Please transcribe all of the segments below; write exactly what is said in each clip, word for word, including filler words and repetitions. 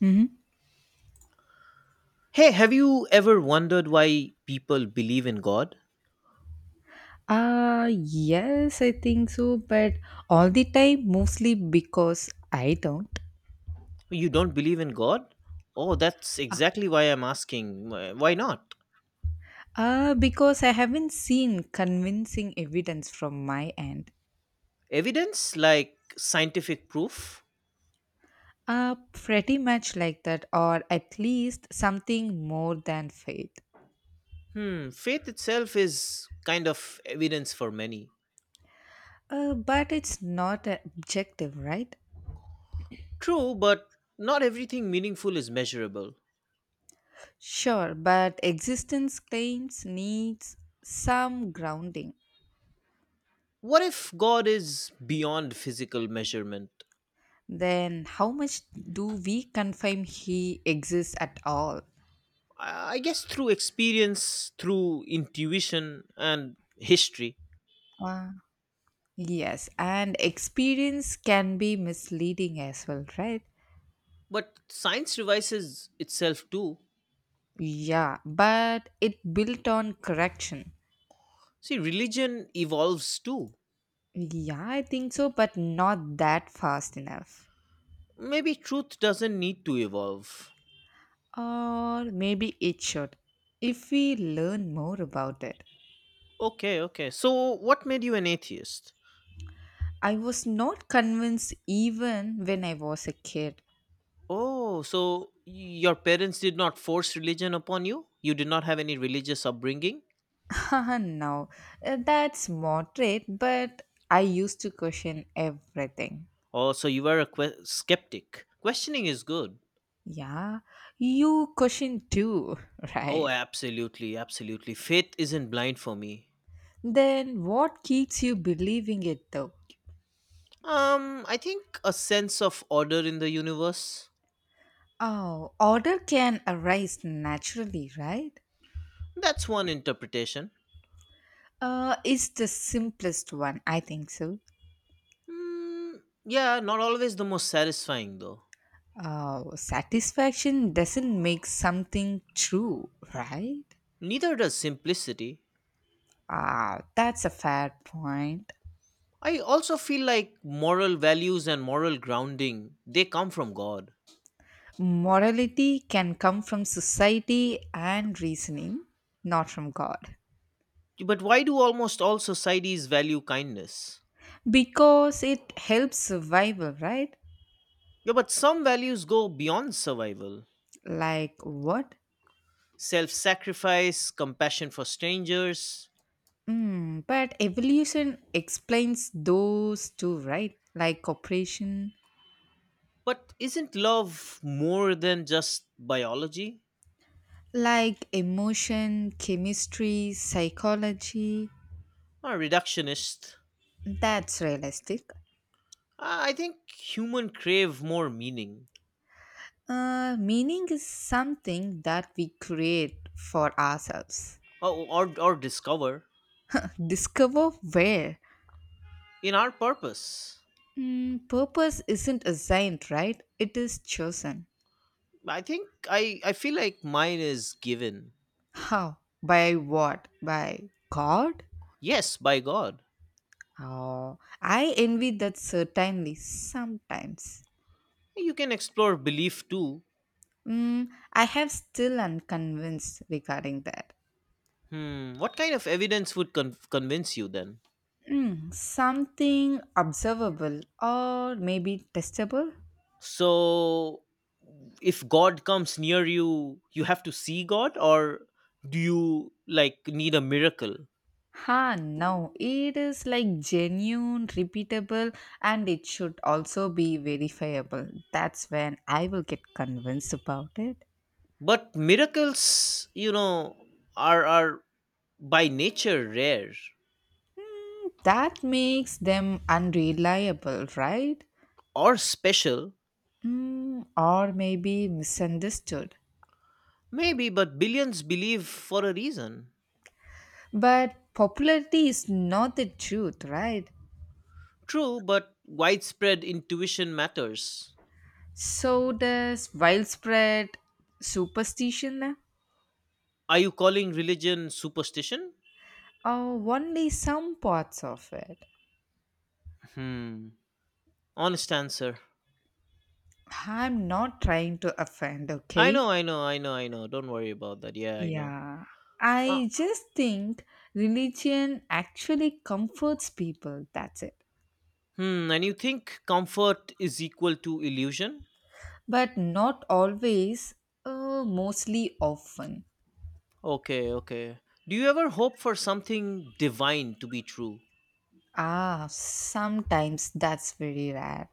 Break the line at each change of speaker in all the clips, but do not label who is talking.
Mhm.
Hey, have you ever wondered why people believe in God?
Uh, yes, I think so, but all the time, mostly because I don't.
You don't believe in God? Oh, that's
Uh,
exactly why I'm asking. Wh- Why not?
uh, because I haven't seen convincing evidence from my end.
Evidence? Like scientific proof?
Uh, pretty much like that, or at least something more than faith.
Hmm, faith itself is kind of evidence for many.
Uh, but it's not a- objective, right?
True, but not everything meaningful is measurable.
Sure, but existence claims needs some grounding.
What if God is beyond physical measurement?
Then, how much do we confirm he exists at all?
I I guess through experience, through intuition, and history.
Wow. Yes, and experience can be misleading as well, right?
But science revises itself too.
Yeah, but it built on correction.
See, religion evolves too.
Yeah, I think so, but not that fast enough.
Maybe truth doesn't need to evolve.
Or maybe it should, if we learn more about it.
Okay, okay. So, what made you an atheist?
I was not convinced even when I was a kid.
Oh, so your parents did not force religion upon you? You did not have any religious upbringing?
Now, uh, that's moderate, but I used to question everything.
Oh, so you were a que- skeptic. Questioning is good.
Yeah, you question too,
Oh,
right?
absolutely, absolutely. Faith isn't blind for me.
Then what keeps you believing it though?
Um, I think a sense of order in the universe.
Oh, order can arise naturally, right?
That's one interpretation.
Uh, it's the simplest one, I think so.
Mm, yeah, not always the most satisfying though.
Uh, satisfaction doesn't make something true, right?
Neither does simplicity.
Ah, that's a fair point.
I also feel like moral values and moral grounding, they come from God.
Morality can come from society and reasoning, not from God.
But why do almost all societies value kindness?
Because it helps survival, right?
Yeah, but some values go beyond survival.
Like what?
Self-sacrifice, compassion for strangers.
Mm, but evolution explains those too, right? Like cooperation,
But isn't love more than just biology?
like emotion, chemistry, psychology.
A reductionist.
That's realistic.
I I think human crave more meaning.
Uh, meaning is something that we create for ourselves.
Or, or, or discover
Discover where.
in our purpose.
Mm, purpose isn't assigned, right? It is chosen.
I think I I feel like mine is given.
How? By what? By God?
Yes, by God.
Oh, I envy that certainly sometimes.
You can explore belief too.
Mm, I have still unconvinced regarding that.
Hmm, what kind of evidence would con- convince you then?
Mm, something observable or maybe testable?
So, if God comes near you, you have to see God, or do you like need a miracle?
Ha, no, it is like genuine, repeatable, and it should also be verifiable. That's when I will get convinced about it.
But miracles, you know, are are by nature rare
That makes them unreliable, right?
or special,
Mm, or maybe misunderstood.
maybe, but billions believe for a reason.
But popularity is not the truth, right?
True, but widespread intuition matters.
So does widespread superstition,
Are you calling religion superstition?
or only some parts of it.
Hmm. Honest answer.
I'm not trying to offend,
I
okay?
know, I know, I know, I know. Don't worry about that. Yeah, I know.
Yeah.
Uh,
I just think religion actually comforts people, that's it.
hmm. And you think comfort is equal to illusion?
But not always, uh, mostly often.
Okay, okay. Do you ever hope for something divine to be true?
Ah, sometimes that's very rare.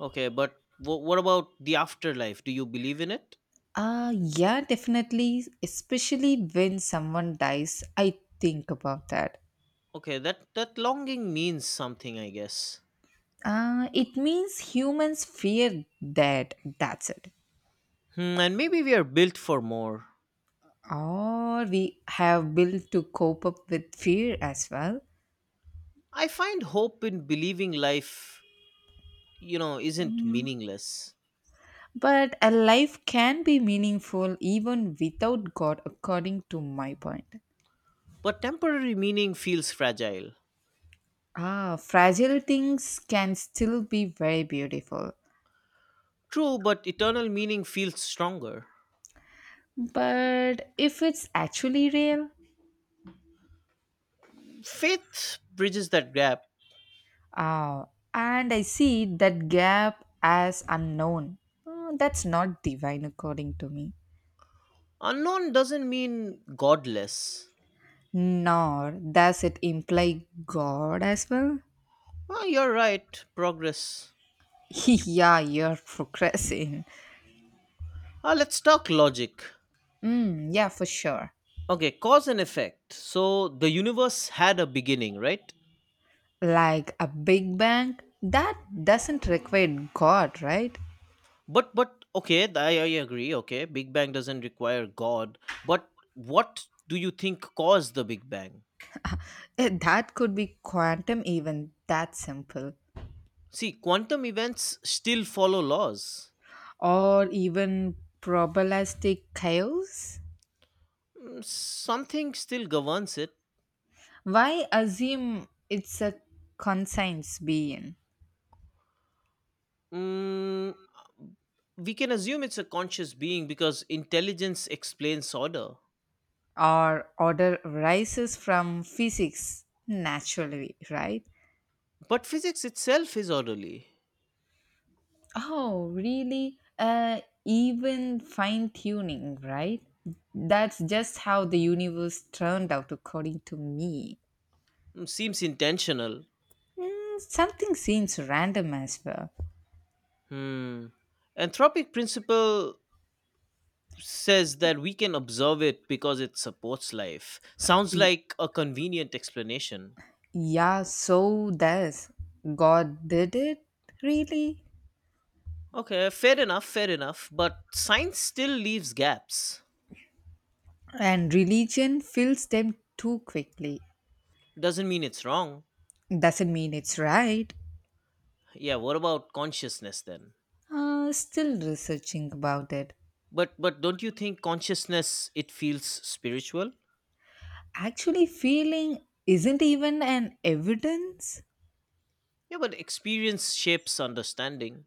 Okay, but wh- what about the afterlife? Do you believe in it?
Uh, yeah, definitely. Especially when someone dies, I think about that.
Okay, that that longing means something, I guess.
Uh, it means humans fear that. That's it.
Hmm, and maybe we are built for more.
Or we have built to cope up with fear as well.
I find hope in believing life, you know, isn't meaningless.
But a life can be meaningful even without God, according to my point.
But temporary meaning feels fragile.
Ah, fragile things can still be very beautiful.
True, but eternal meaning feels stronger.
But if it's actually real.
Faith bridges that gap.
Ah, and I see that gap as unknown. Uh, that's not divine according to me.
Unknown doesn't mean godless.
Nor does it imply God as well.
Well, you're right, progress.
Yeah, you're progressing.
Ah, let's talk logic.
Mm, yeah, for sure.
Okay, cause and effect. So the universe had a beginning, right?
Like a big bang, that doesn't require God, right?
But but okay, th- I, I agree. Okay, Big Bang doesn't require God. But what do you think caused the Big Bang?
Eh, That could be quantum, even that simple.
See, quantum events still follow laws.
Or even probabilistic chaos.
Mm, something still governs it.
Why assume it's a conscience being?
Mm, we can assume it's a conscious being because intelligence explains order.
Our order rises from physics naturally, right?
But physics itself is orderly.
Oh, really? Uh, even fine tuning, right? That's just how the universe turned out, according to me.
Mm, seems intentional.
Mm, something seems random as well.
Hmm. Anthropic principle says that we can observe it because it supports life. Sounds
Y-
like a convenient explanation.
yeah, so does. God did it, really?
Okay, fair enough, fair enough. But science still leaves gaps.
And religion fills them too quickly.
Doesn't mean it's wrong.
Doesn't mean it's right.
Yeah, what about consciousness then?
Uh, still researching about it.
But but don't you think consciousness, it feels spiritual?
Actually, feeling isn't even an evidence,
Yeah, but experience shapes understanding.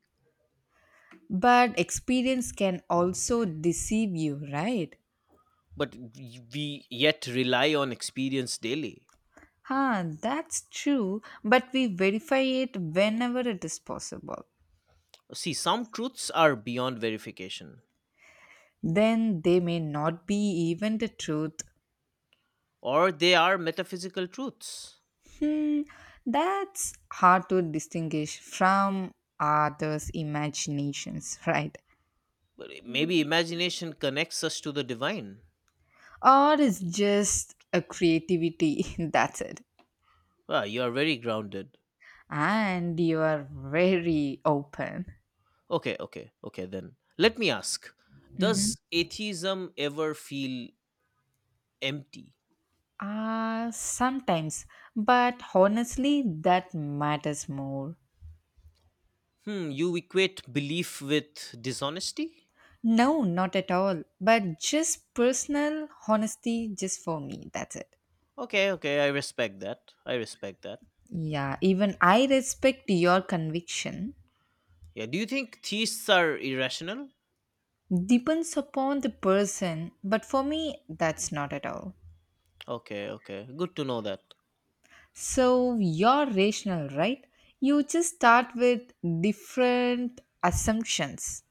but experience can also deceive you, right?
But we we yet rely on experience daily.
Huh, that's true, but we verify it whenever it is possible.
See, some truths are beyond verification,
Then they may not be even the truth.
or they are metaphysical truths.
Hmm, that's hard to distinguish from others' imaginations, right?
But maybe imagination connects us to the divine.
Or it's just a creativity. That's it.
Ah, you are very grounded.
And you are very open.
Okay, okay, okay, then let me ask,
Mhm.
does atheism ever feel empty?
Ah, sometimes, but honestly that matters more.
Hmm, you equate belief with dishonesty?
No, not at all, but just personal honesty, just for me. That's it.
Okay, okay, I respect that. I respect that.
Yeah, even I respect your conviction.
Yeah, do you think theists are irrational?
Depends upon the person, but for me, that's not at all.
Okay, okay. Good to know that.
So you're rational, right? You just start with different assumptions,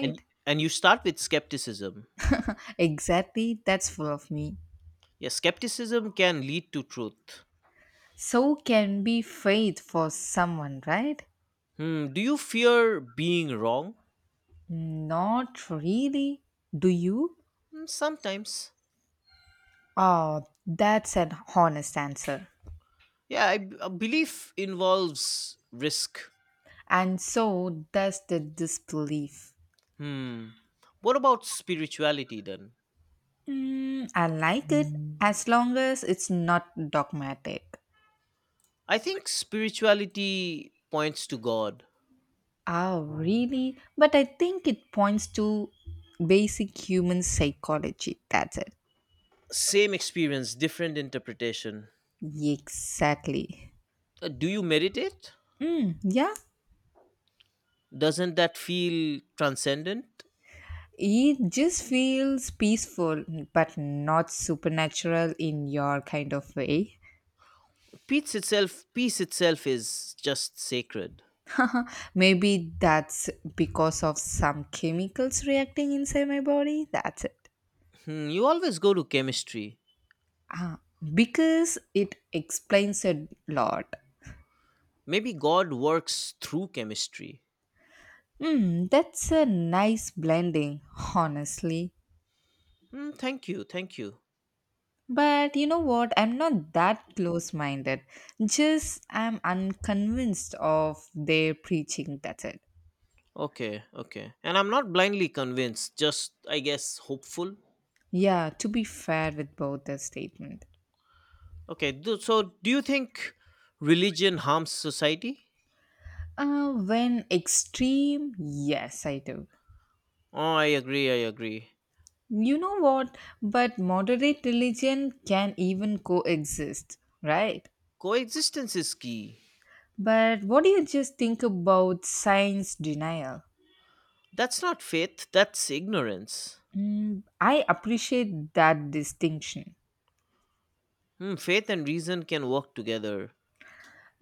And and you start with skepticism.
Exactly, that's full of me.
Yeah, skepticism can lead to truth.
So can be faith for someone, right?
Hmm, do you fear being wrong?
Not really. Do you?
Hmm, sometimes.
Ah, that's an honest answer.
Yeah, I, b- a belief involves risk.
And so does the disbelief.
Hmm. What about spirituality then?
Mm, I like it as long as it's not dogmatic.
I think spirituality points to God.
Oh, really? But I think it points to basic human psychology. That's it.
Same experience, different interpretation.
Exactly.
Uh, do you meditate?
Yeah.
Doesn't that feel transcendent?
It just feels peaceful, but not supernatural in your kind of way.
Peace itself, peace itself is just sacred.
Maybe that's because of some chemicals reacting inside my body. That's it.
Hmm, you always go to chemistry.
Ah, because it explains a lot.
Maybe God works through chemistry.
Hmm, that's a nice blending, honestly.
Hmm, thank you, thank you.
But you know what? I'm not that close minded. Just I'm unconvinced of their preaching. That's it.
Okay, okay. And I'm not blindly convinced, just, I guess, hopeful.
Yeah, to be fair with both the statement.
Okay, do, so do you think religion harms society?
Uh, when extreme, yes, I do.
Oh, I agree, I agree.
You know what? But moderate religion can even coexist, right?
Coexistence is key.
But what do you just think about science denial?
That's not faith, that's ignorance.
Mm, I appreciate that distinction.
Hmm, faith and reason can work together.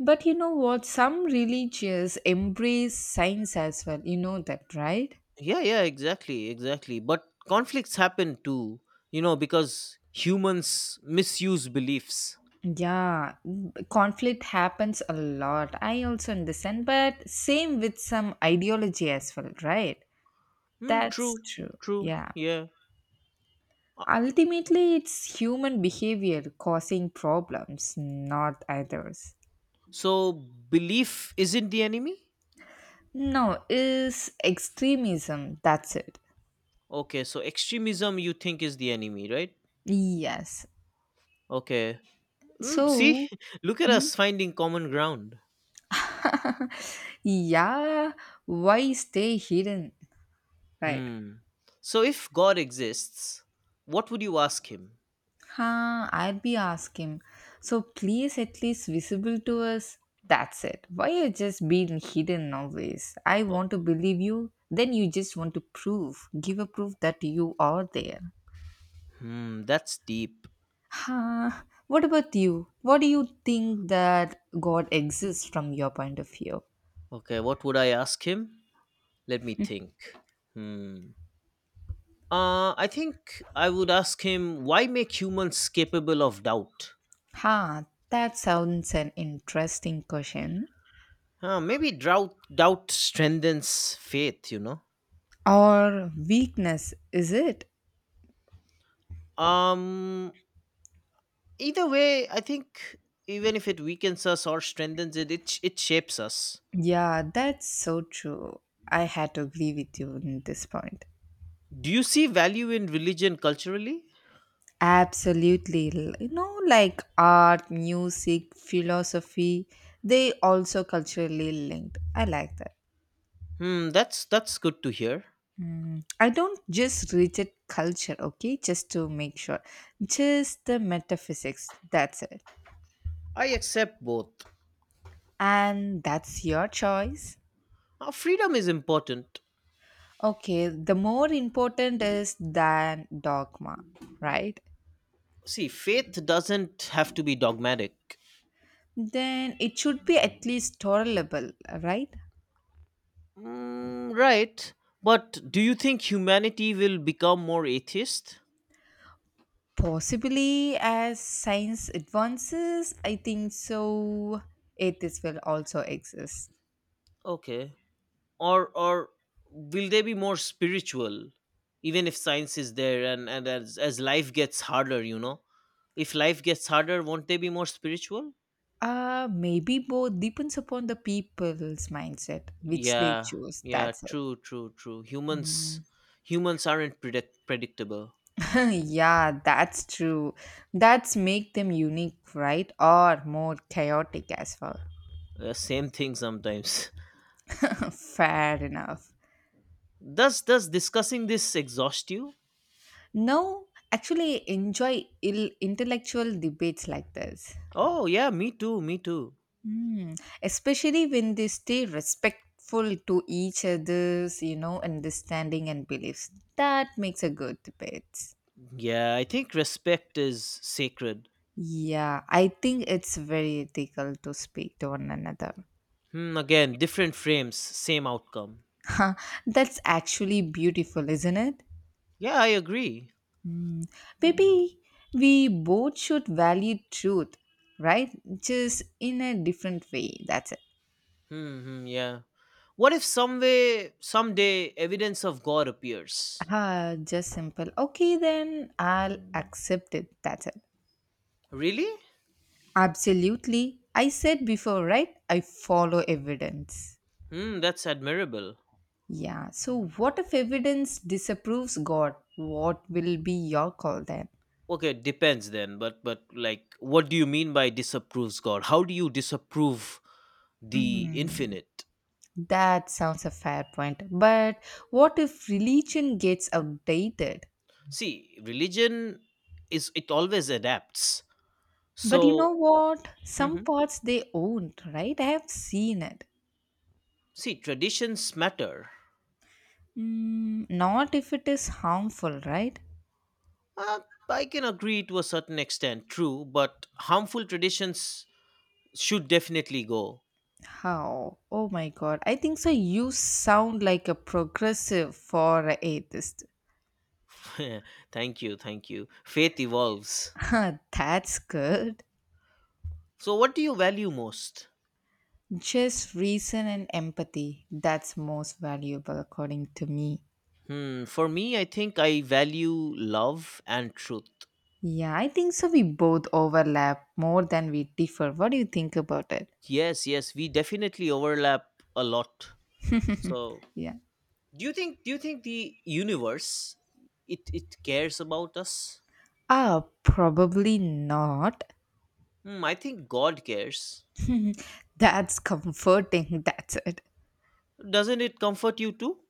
But you know what? Some religions embrace science as well. You know that, right?
Yeah, yeah, exactly, exactly. But conflicts happen too, you know, because humans misuse beliefs.
Yeah, conflict happens a lot. I also understand, but same with some ideology as well, right?
Hmm,
That's
true,
true.
true,
Yeah.
yeah. Uh,
Ultimately, it's human behavior causing problems, not others.
so, belief isn't the enemy?
No, is extremism. That's it.
Okay, so extremism you think is the enemy, right?
Yes.
Okay. Mm, see,
So,
look at us finding common ground.
yeah, why stay hidden? Right.
Hmm. So, if God exists, what would you ask him?
Huh, I'd be asking. So please at least visible to us. That's it. Why you just being hidden always? I want to believe you. Then you just want to prove, give a proof that you are there.
Hmm, that's deep.
Huh. What about you? What do you think that God exists from your point of view?
Okay, what would I ask him? Let me think. Hmm. Uh, I think I would ask him, why make humans capable of doubt?
Huh, that sounds an interesting question.
Huh, maybe doubt doubt strengthens faith, you know.
Or weakness, is it?
Um either way, I think even if it weakens us or strengthens it, it, sh- it shapes us.
Yeah, that's so true. I had to agree with you on this point.
Do you see value in religion culturally?
Absolutely. L- You know, like art, music, philosophy, they also culturally linked. I like that.
Hmm, that's that's good to hear.
Mm, I don't just reject culture, okay? Just to make sure. Just the metaphysics. That's it.
I accept both.
And that's your choice.
Uh, freedom is important.
Okay, the more important is than dogma, right?
See, faith doesn't have to be dogmatic.
Then it should be at least tolerable, right?
Mm, right. But do you think humanity will become more atheist?
Possibly as science advances, I think so, atheists will also exist.
Okay. Or or will they be more spiritual? Even if science is there, and, and as, as life gets harder, you know? If life gets harder, won't they be more spiritual?
Uh, maybe both depends upon the people's mindset which they
Yeah.
choose.
Yeah,
That's it.
true, true, true. Humans humans aren't predict- predictable.
Yeah, that's true. That's make them unique, right? Or more chaotic as well.
Uh, same thing sometimes.
Fair enough.
Does does discussing this exhaust you?
No, actually enjoy ill intellectual debates like this.
Oh, yeah, me too, me too.
Mm. Especially when they stay respectful to each other's, you know, understanding and beliefs. That makes a good pet.
Yeah, I think respect is sacred.
Yeah, I think it's very ethical to speak to one another.
Hmm, again, different frames, same outcome.
That's actually beautiful, isn't it?
Yeah, I agree.
Mm. Maybe we both should value truth, right? Just in a different way. That's it.
Hmm, hmm, yeah. What if some way, someday, evidence of God appears?
Ah, just simple. Okay, then I'll accept it. That's it.
Really?
Absolutely. I said before, right? I follow evidence.
Hmm, that's admirable.
Yeah. So, what if evidence disapproves God? What will be your call then?
Okay, it depends then, but but like, what do you mean by disapproves God? How do you disapprove the
Mm,
infinite?
that sounds a fair point. But what if religion gets outdated?
See, religion is it always adapts.
But you
So,
know what? Some parts they own, right? I have seen it.
see, traditions matter.
Mm, not if it is harmful, right?
Uh, I can agree to a certain extent, true, but harmful traditions should definitely go.
How? Oh my god. I think so. You sound like a progressive for an atheist.
thank you, thank you. Faith evolves.
Huh, that's good.
So, what do you value most?
Just reason and empathy. That's most valuable, according to me.
Hmm, for me, I think I value love and truth.
Yeah, I think so. We both overlap more than we differ. What do you think about it?
Yes, yes, we definitely overlap a lot. So,
Yeah.
do you think do you think the universe it it cares about us?
Ah, probably not.
Hmm, I think God cares.
That's comforting. That's it.
Doesn't it comfort you too?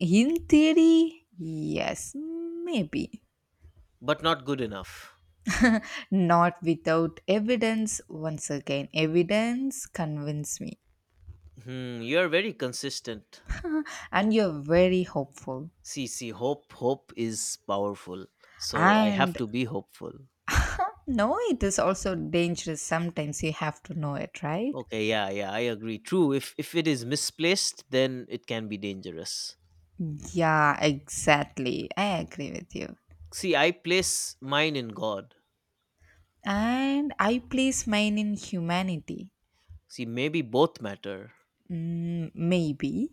In theory, yes, maybe.
But not good enough.
Not without evidence. Once again, evidence convince me.
Hmm, you're very consistent.
And you're very hopeful.
See, see, hope, hope is powerful. So I have
And
to be hopeful.
No, it is also dangerous. Sometimes you have to know it, right?
Okay, yeah, yeah, I agree. True. If if it is misplaced, then it can be dangerous.
Yeah, exactly. I agree with you.
See, I place mine in God.
And I place mine in humanity.
See, maybe both matter.
Mm, maybe.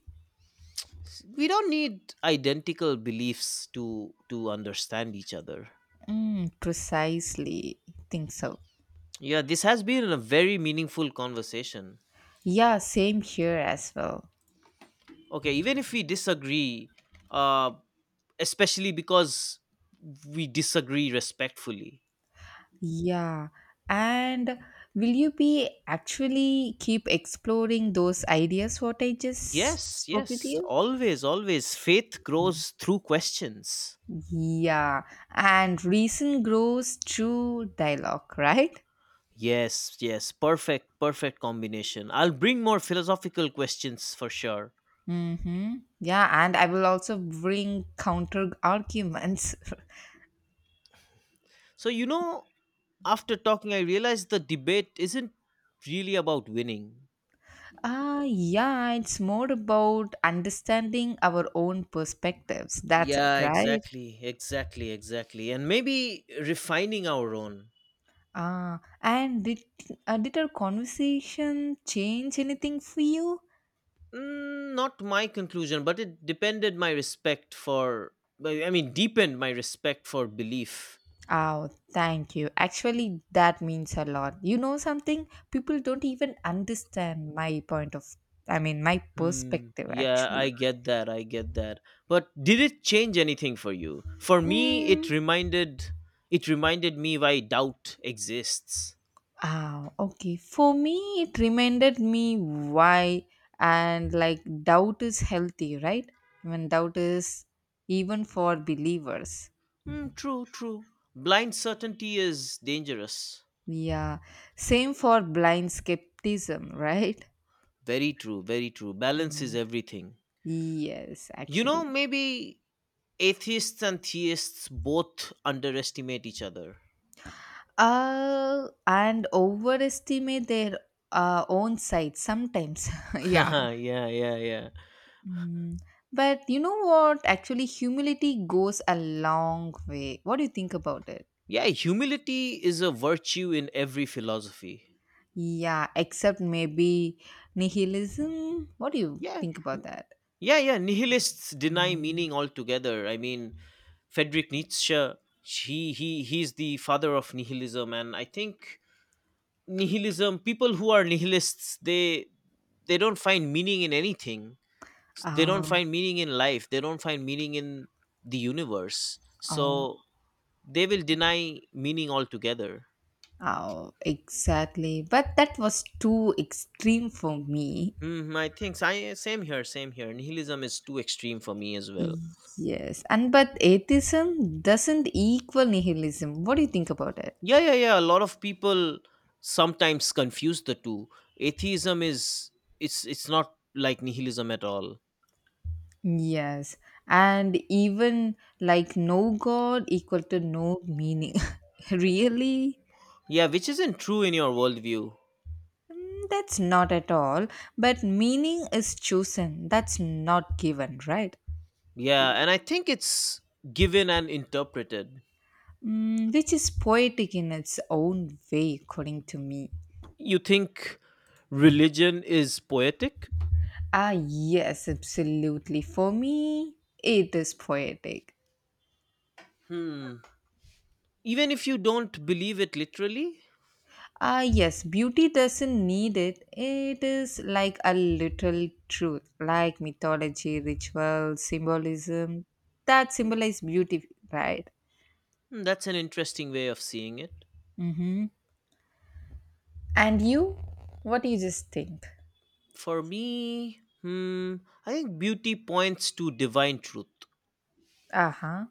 S- We don't need identical beliefs to to understand each other.
Mm, precisely. Think so.
Yeah, this has been a very meaningful conversation.
Yeah, same here as well.
Okay, even if we disagree, uh, especially because we disagree respectfully.
Yeah. And will you be actually keep exploring those ideas what I just
Yes,
spoke with
yes,
you?
always, always. Faith grows through questions.
Yeah, and reason grows through dialogue, right?
Yes, yes, perfect, perfect combination. I'll bring more philosophical questions for sure.
Mm-hmm. Yeah, and I will also bring counter arguments.
So, you know, after talking, I realized the debate isn't really about winning.
Ah, yeah, it's more about understanding our own perspectives. That's it,
Yeah,
right?
exactly, exactly, exactly. And maybe refining our own.
Ah, and did uh, did our conversation change anything for you?
Mm, not my conclusion, but it depended my respect for. I I mean, deepened my respect for belief.
Oh, thank you. Actually, that means a lot. You know something? People don't even understand my point of, I mean, my
Hmm.
perspective
Yeah,
actually.
I get that. I get that. But did it change anything for you? For me, it
Mm.
reminded it reminded me why doubt exists.
Ah, okay. For me, it reminded me why, and like doubt is healthy, right? When doubt is even for believers.
Hmm, true, true. Blind certainty is dangerous.
Yeah. Same for blind skepticism, right?
Very true, very true. Balance is
Mm.
everything.
Yes,
You know,
actually.
maybe atheists and theists both underestimate each other.
Uh and overestimate their uh, own size sometimes, yeah.
yeah, yeah, yeah.
Mm. But you know what? Actually, humility goes a long way. What do you think about it?
Yeah, humility is a virtue in every philosophy.
Yeah, except maybe nihilism. What do you
Yeah.
think about
N-
that?
yeah, yeah. Nihilists deny meaning altogether. I mean, Friedrich Nietzsche, he he he's the father of nihilism, and I think nihilism, people who are nihilists, they they don't find meaning in anything. They don't
Oh,
find meaning in life. They don't find meaning in the universe.
oh,
So they will deny meaning altogether.
oh, exactly. But that was too extreme for me.
Hmm, I think I same here, same here. Nihilism is too extreme for me as well.
Yes, and but atheism doesn't equal nihilism. What do you think about it?
Yeah, yeah, yeah. A lot of people sometimes confuse the two. Atheism is it's it's not like nihilism at all.
Yes, and even like no God equal to no meaning. Really?
Yeah, which isn't true in your worldview.
Mm, that's not at all. But meaning is chosen, that's not given, right?
Yeah, and I think it's given and interpreted.
Mm, which is poetic in its own way, according to me.
You think religion is poetic?
Ah, yes, absolutely. For me, it is poetic.
Hmm. Even if you don't believe it literally.
Ah, yes, beauty doesn't need it. It is like a little truth, like mythology, ritual, symbolism that symbolize beauty, right?
Hmm, that's an interesting way of seeing it.
Mm-hmm. And you, what do you just think?
For me, hmm, I think beauty points to divine truth.
Uh huh.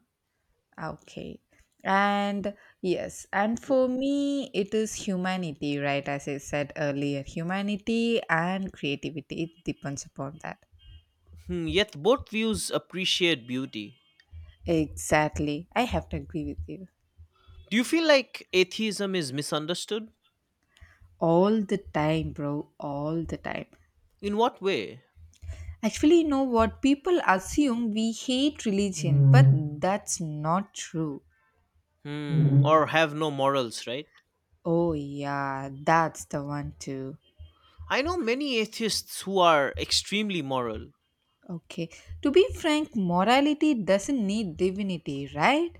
Okay. And yes, and
W-
for me, it is humanity, right? As I said earlier, humanity and creativity, it depends upon that.
Hmm, yet both views appreciate beauty.
Exactly. I have to agree with you.
Do you feel like atheism is misunderstood?
All the time, bro. All the time.
In what way?
Actually, you know what? People assume we hate religion, but that's not true.
Hmm, or have no morals, right?
Oh, yeah, that's the one too.
I know many atheists who are extremely moral.
Okay. To be frank, morality doesn't need divinity, right?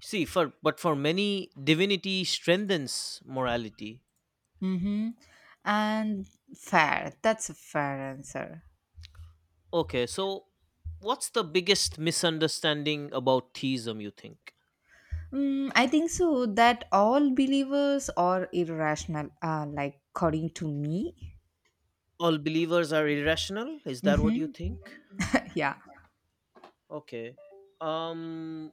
See, for but for many, divinity strengthens morality.
Mm-hmm. And fair. That's a fair answer.
Okay, so what's the biggest misunderstanding about theism? You think
Mm, I think so that all believers are irrational, uh, like according to me.
all believers are irrational? Is that what you
Mm-hmm.
think?
Yeah.
Okay. Um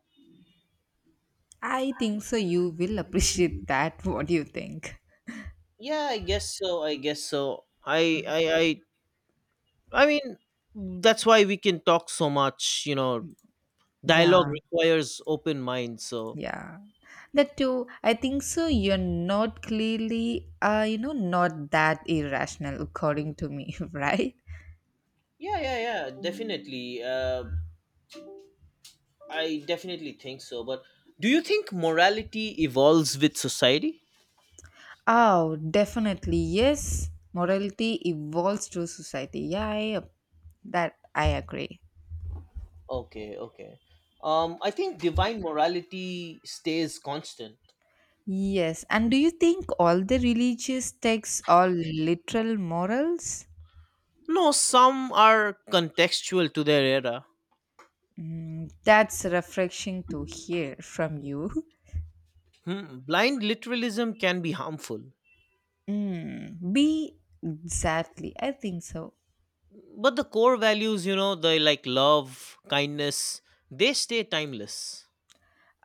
I think so. You will appreciate that. What do you think?
yeah, I guess so. I guess so. I I I I mean that's why we can talk so much, you know. Dialogue
Yeah,
requires open mind, so
yeah. That too. I think so. You're not clearly, uh, you know, not that irrational, according to me, right?
yeah, yeah, yeah, definitely. Uh I definitely think so, but do you think morality evolves with society?
Oh, definitely. Yes, morality evolves through society. Yeah, I, uh, that I agree.
Okay, okay. Um I think divine morality stays constant.
Yes. And do you think all the religious texts are literal morals?
No, some are contextual to their era.
Mm, that's refreshing to hear from you.
Hmm, blind literalism can be harmful,
Mm, B, exactly. I think so.
but the core values, you know, the like love, kindness, they stay timeless.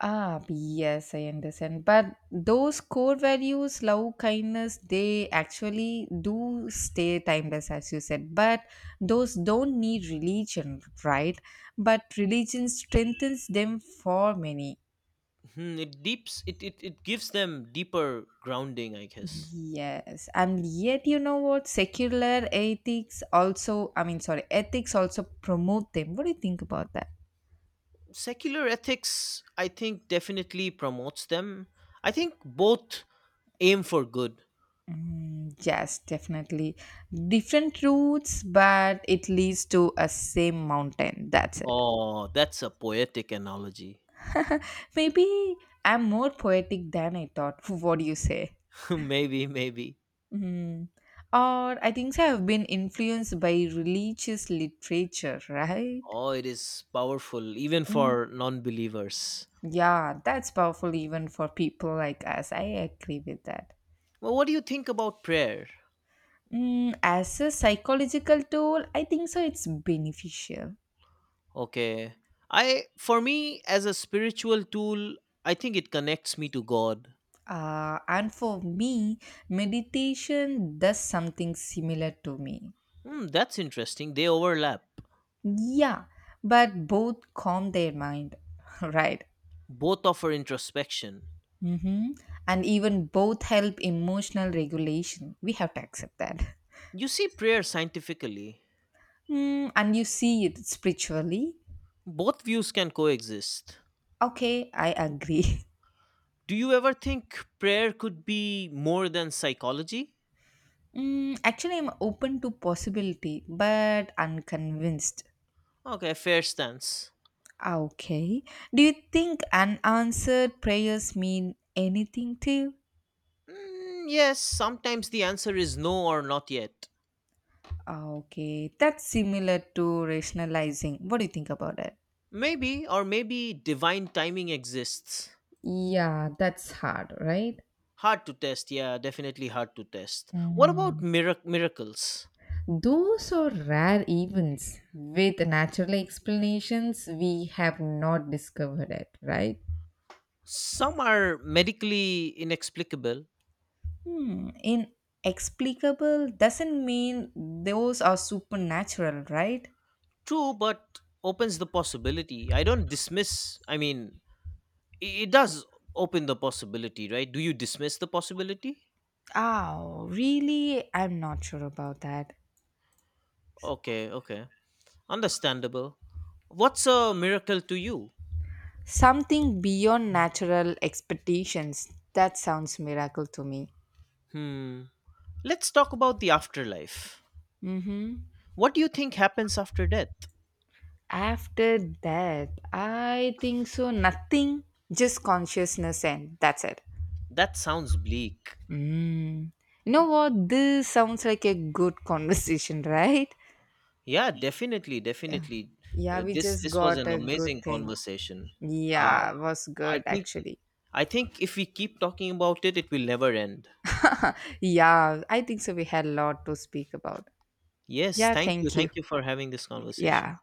Ah, yes, I understand. But those core values, love, kindness, they actually do stay timeless, as you said. But those don't need religion, right? But religion strengthens them for many.
Hmm, it deeps it, it it gives them deeper grounding, I guess.
Yes, and yet you know what? Secular ethics also, I mean, sorry, ethics also promote them. What do you think about that?
Secular ethics, I think, definitely promotes them. I think both aim for good.
Mm, yes, definitely. Different routes, but it leads to a same mountain. That's it.
Oh, that's a poetic analogy.
Maybe I'm more poetic than I thought. What do you say?
maybe, maybe.
Mm. Or I think so I've been influenced by religious literature, right?
Oh, it is powerful, even
Mm.
for non-believers.
Yeah, that's powerful even for people like us. I agree with that.
Well, what do you think about prayer?
Mm, as a psychological tool, I think so it's beneficial.
Okay. I, for me as a spiritual tool, I think it connects me to God.
Uh, and for me, meditation does something similar to me.
Hmm, that's interesting. They overlap.
Yeah, but both calm their mind, right?
Both offer introspection.
Hmm. And even both help emotional regulation. We have to accept that.
You see prayer scientifically.
Mm, and you see it spiritually.
Both views can coexist.
Okay, I agree.
Do you ever think prayer could be more than psychology?
Mm, actually, I'm open to possibility, but unconvinced.
Okay, fair stance.
Ah, okay. Do you think unanswered prayers mean anything to you?
Mm, yes, sometimes the answer is no or not yet.
Ah, okay, that's similar to rationalizing. What do you think about it?
Maybe or maybe divine timing exists.
Yeah, that's hard, right?
Hard to test, yeah, definitely hard to test. What about
Mm.
mirac- miracles?
Those are rare events with natural explanations we have not discovered it, right?
Some are medically inexplicable,
Hmm. Inexplicable doesn't mean those are supernatural, right?
true, but opens the possibility. I don't dismiss, I mean, i- it does open the possibility, right? Do you dismiss the possibility?
Oh, really? I'm not sure about that.
Okay, okay. Understandable. What's a miracle to you?
Something beyond natural expectations. That sounds miracle to me.
Hmm. Let's talk about the afterlife.
Mm-hmm.
What do you think happens after death?
After that, I think so. Nothing, just consciousness, and that's it.
That sounds bleak.
Mm. You know what? This sounds like a good conversation, right?
Yeah, definitely,
Yeah,
definitely.
yeah,
Uh,
we
this
just
this was
got
an
a good
amazing
thing.
conversation. Uh,
Yeah, was
I
good
think
actually.
I think if we keep talking about it, it will never end.
Yeah, I think so. We had a lot to speak about.
Yes,
Yeah,
thank you,
thank you.
thank you for having this conversation.
Yeah.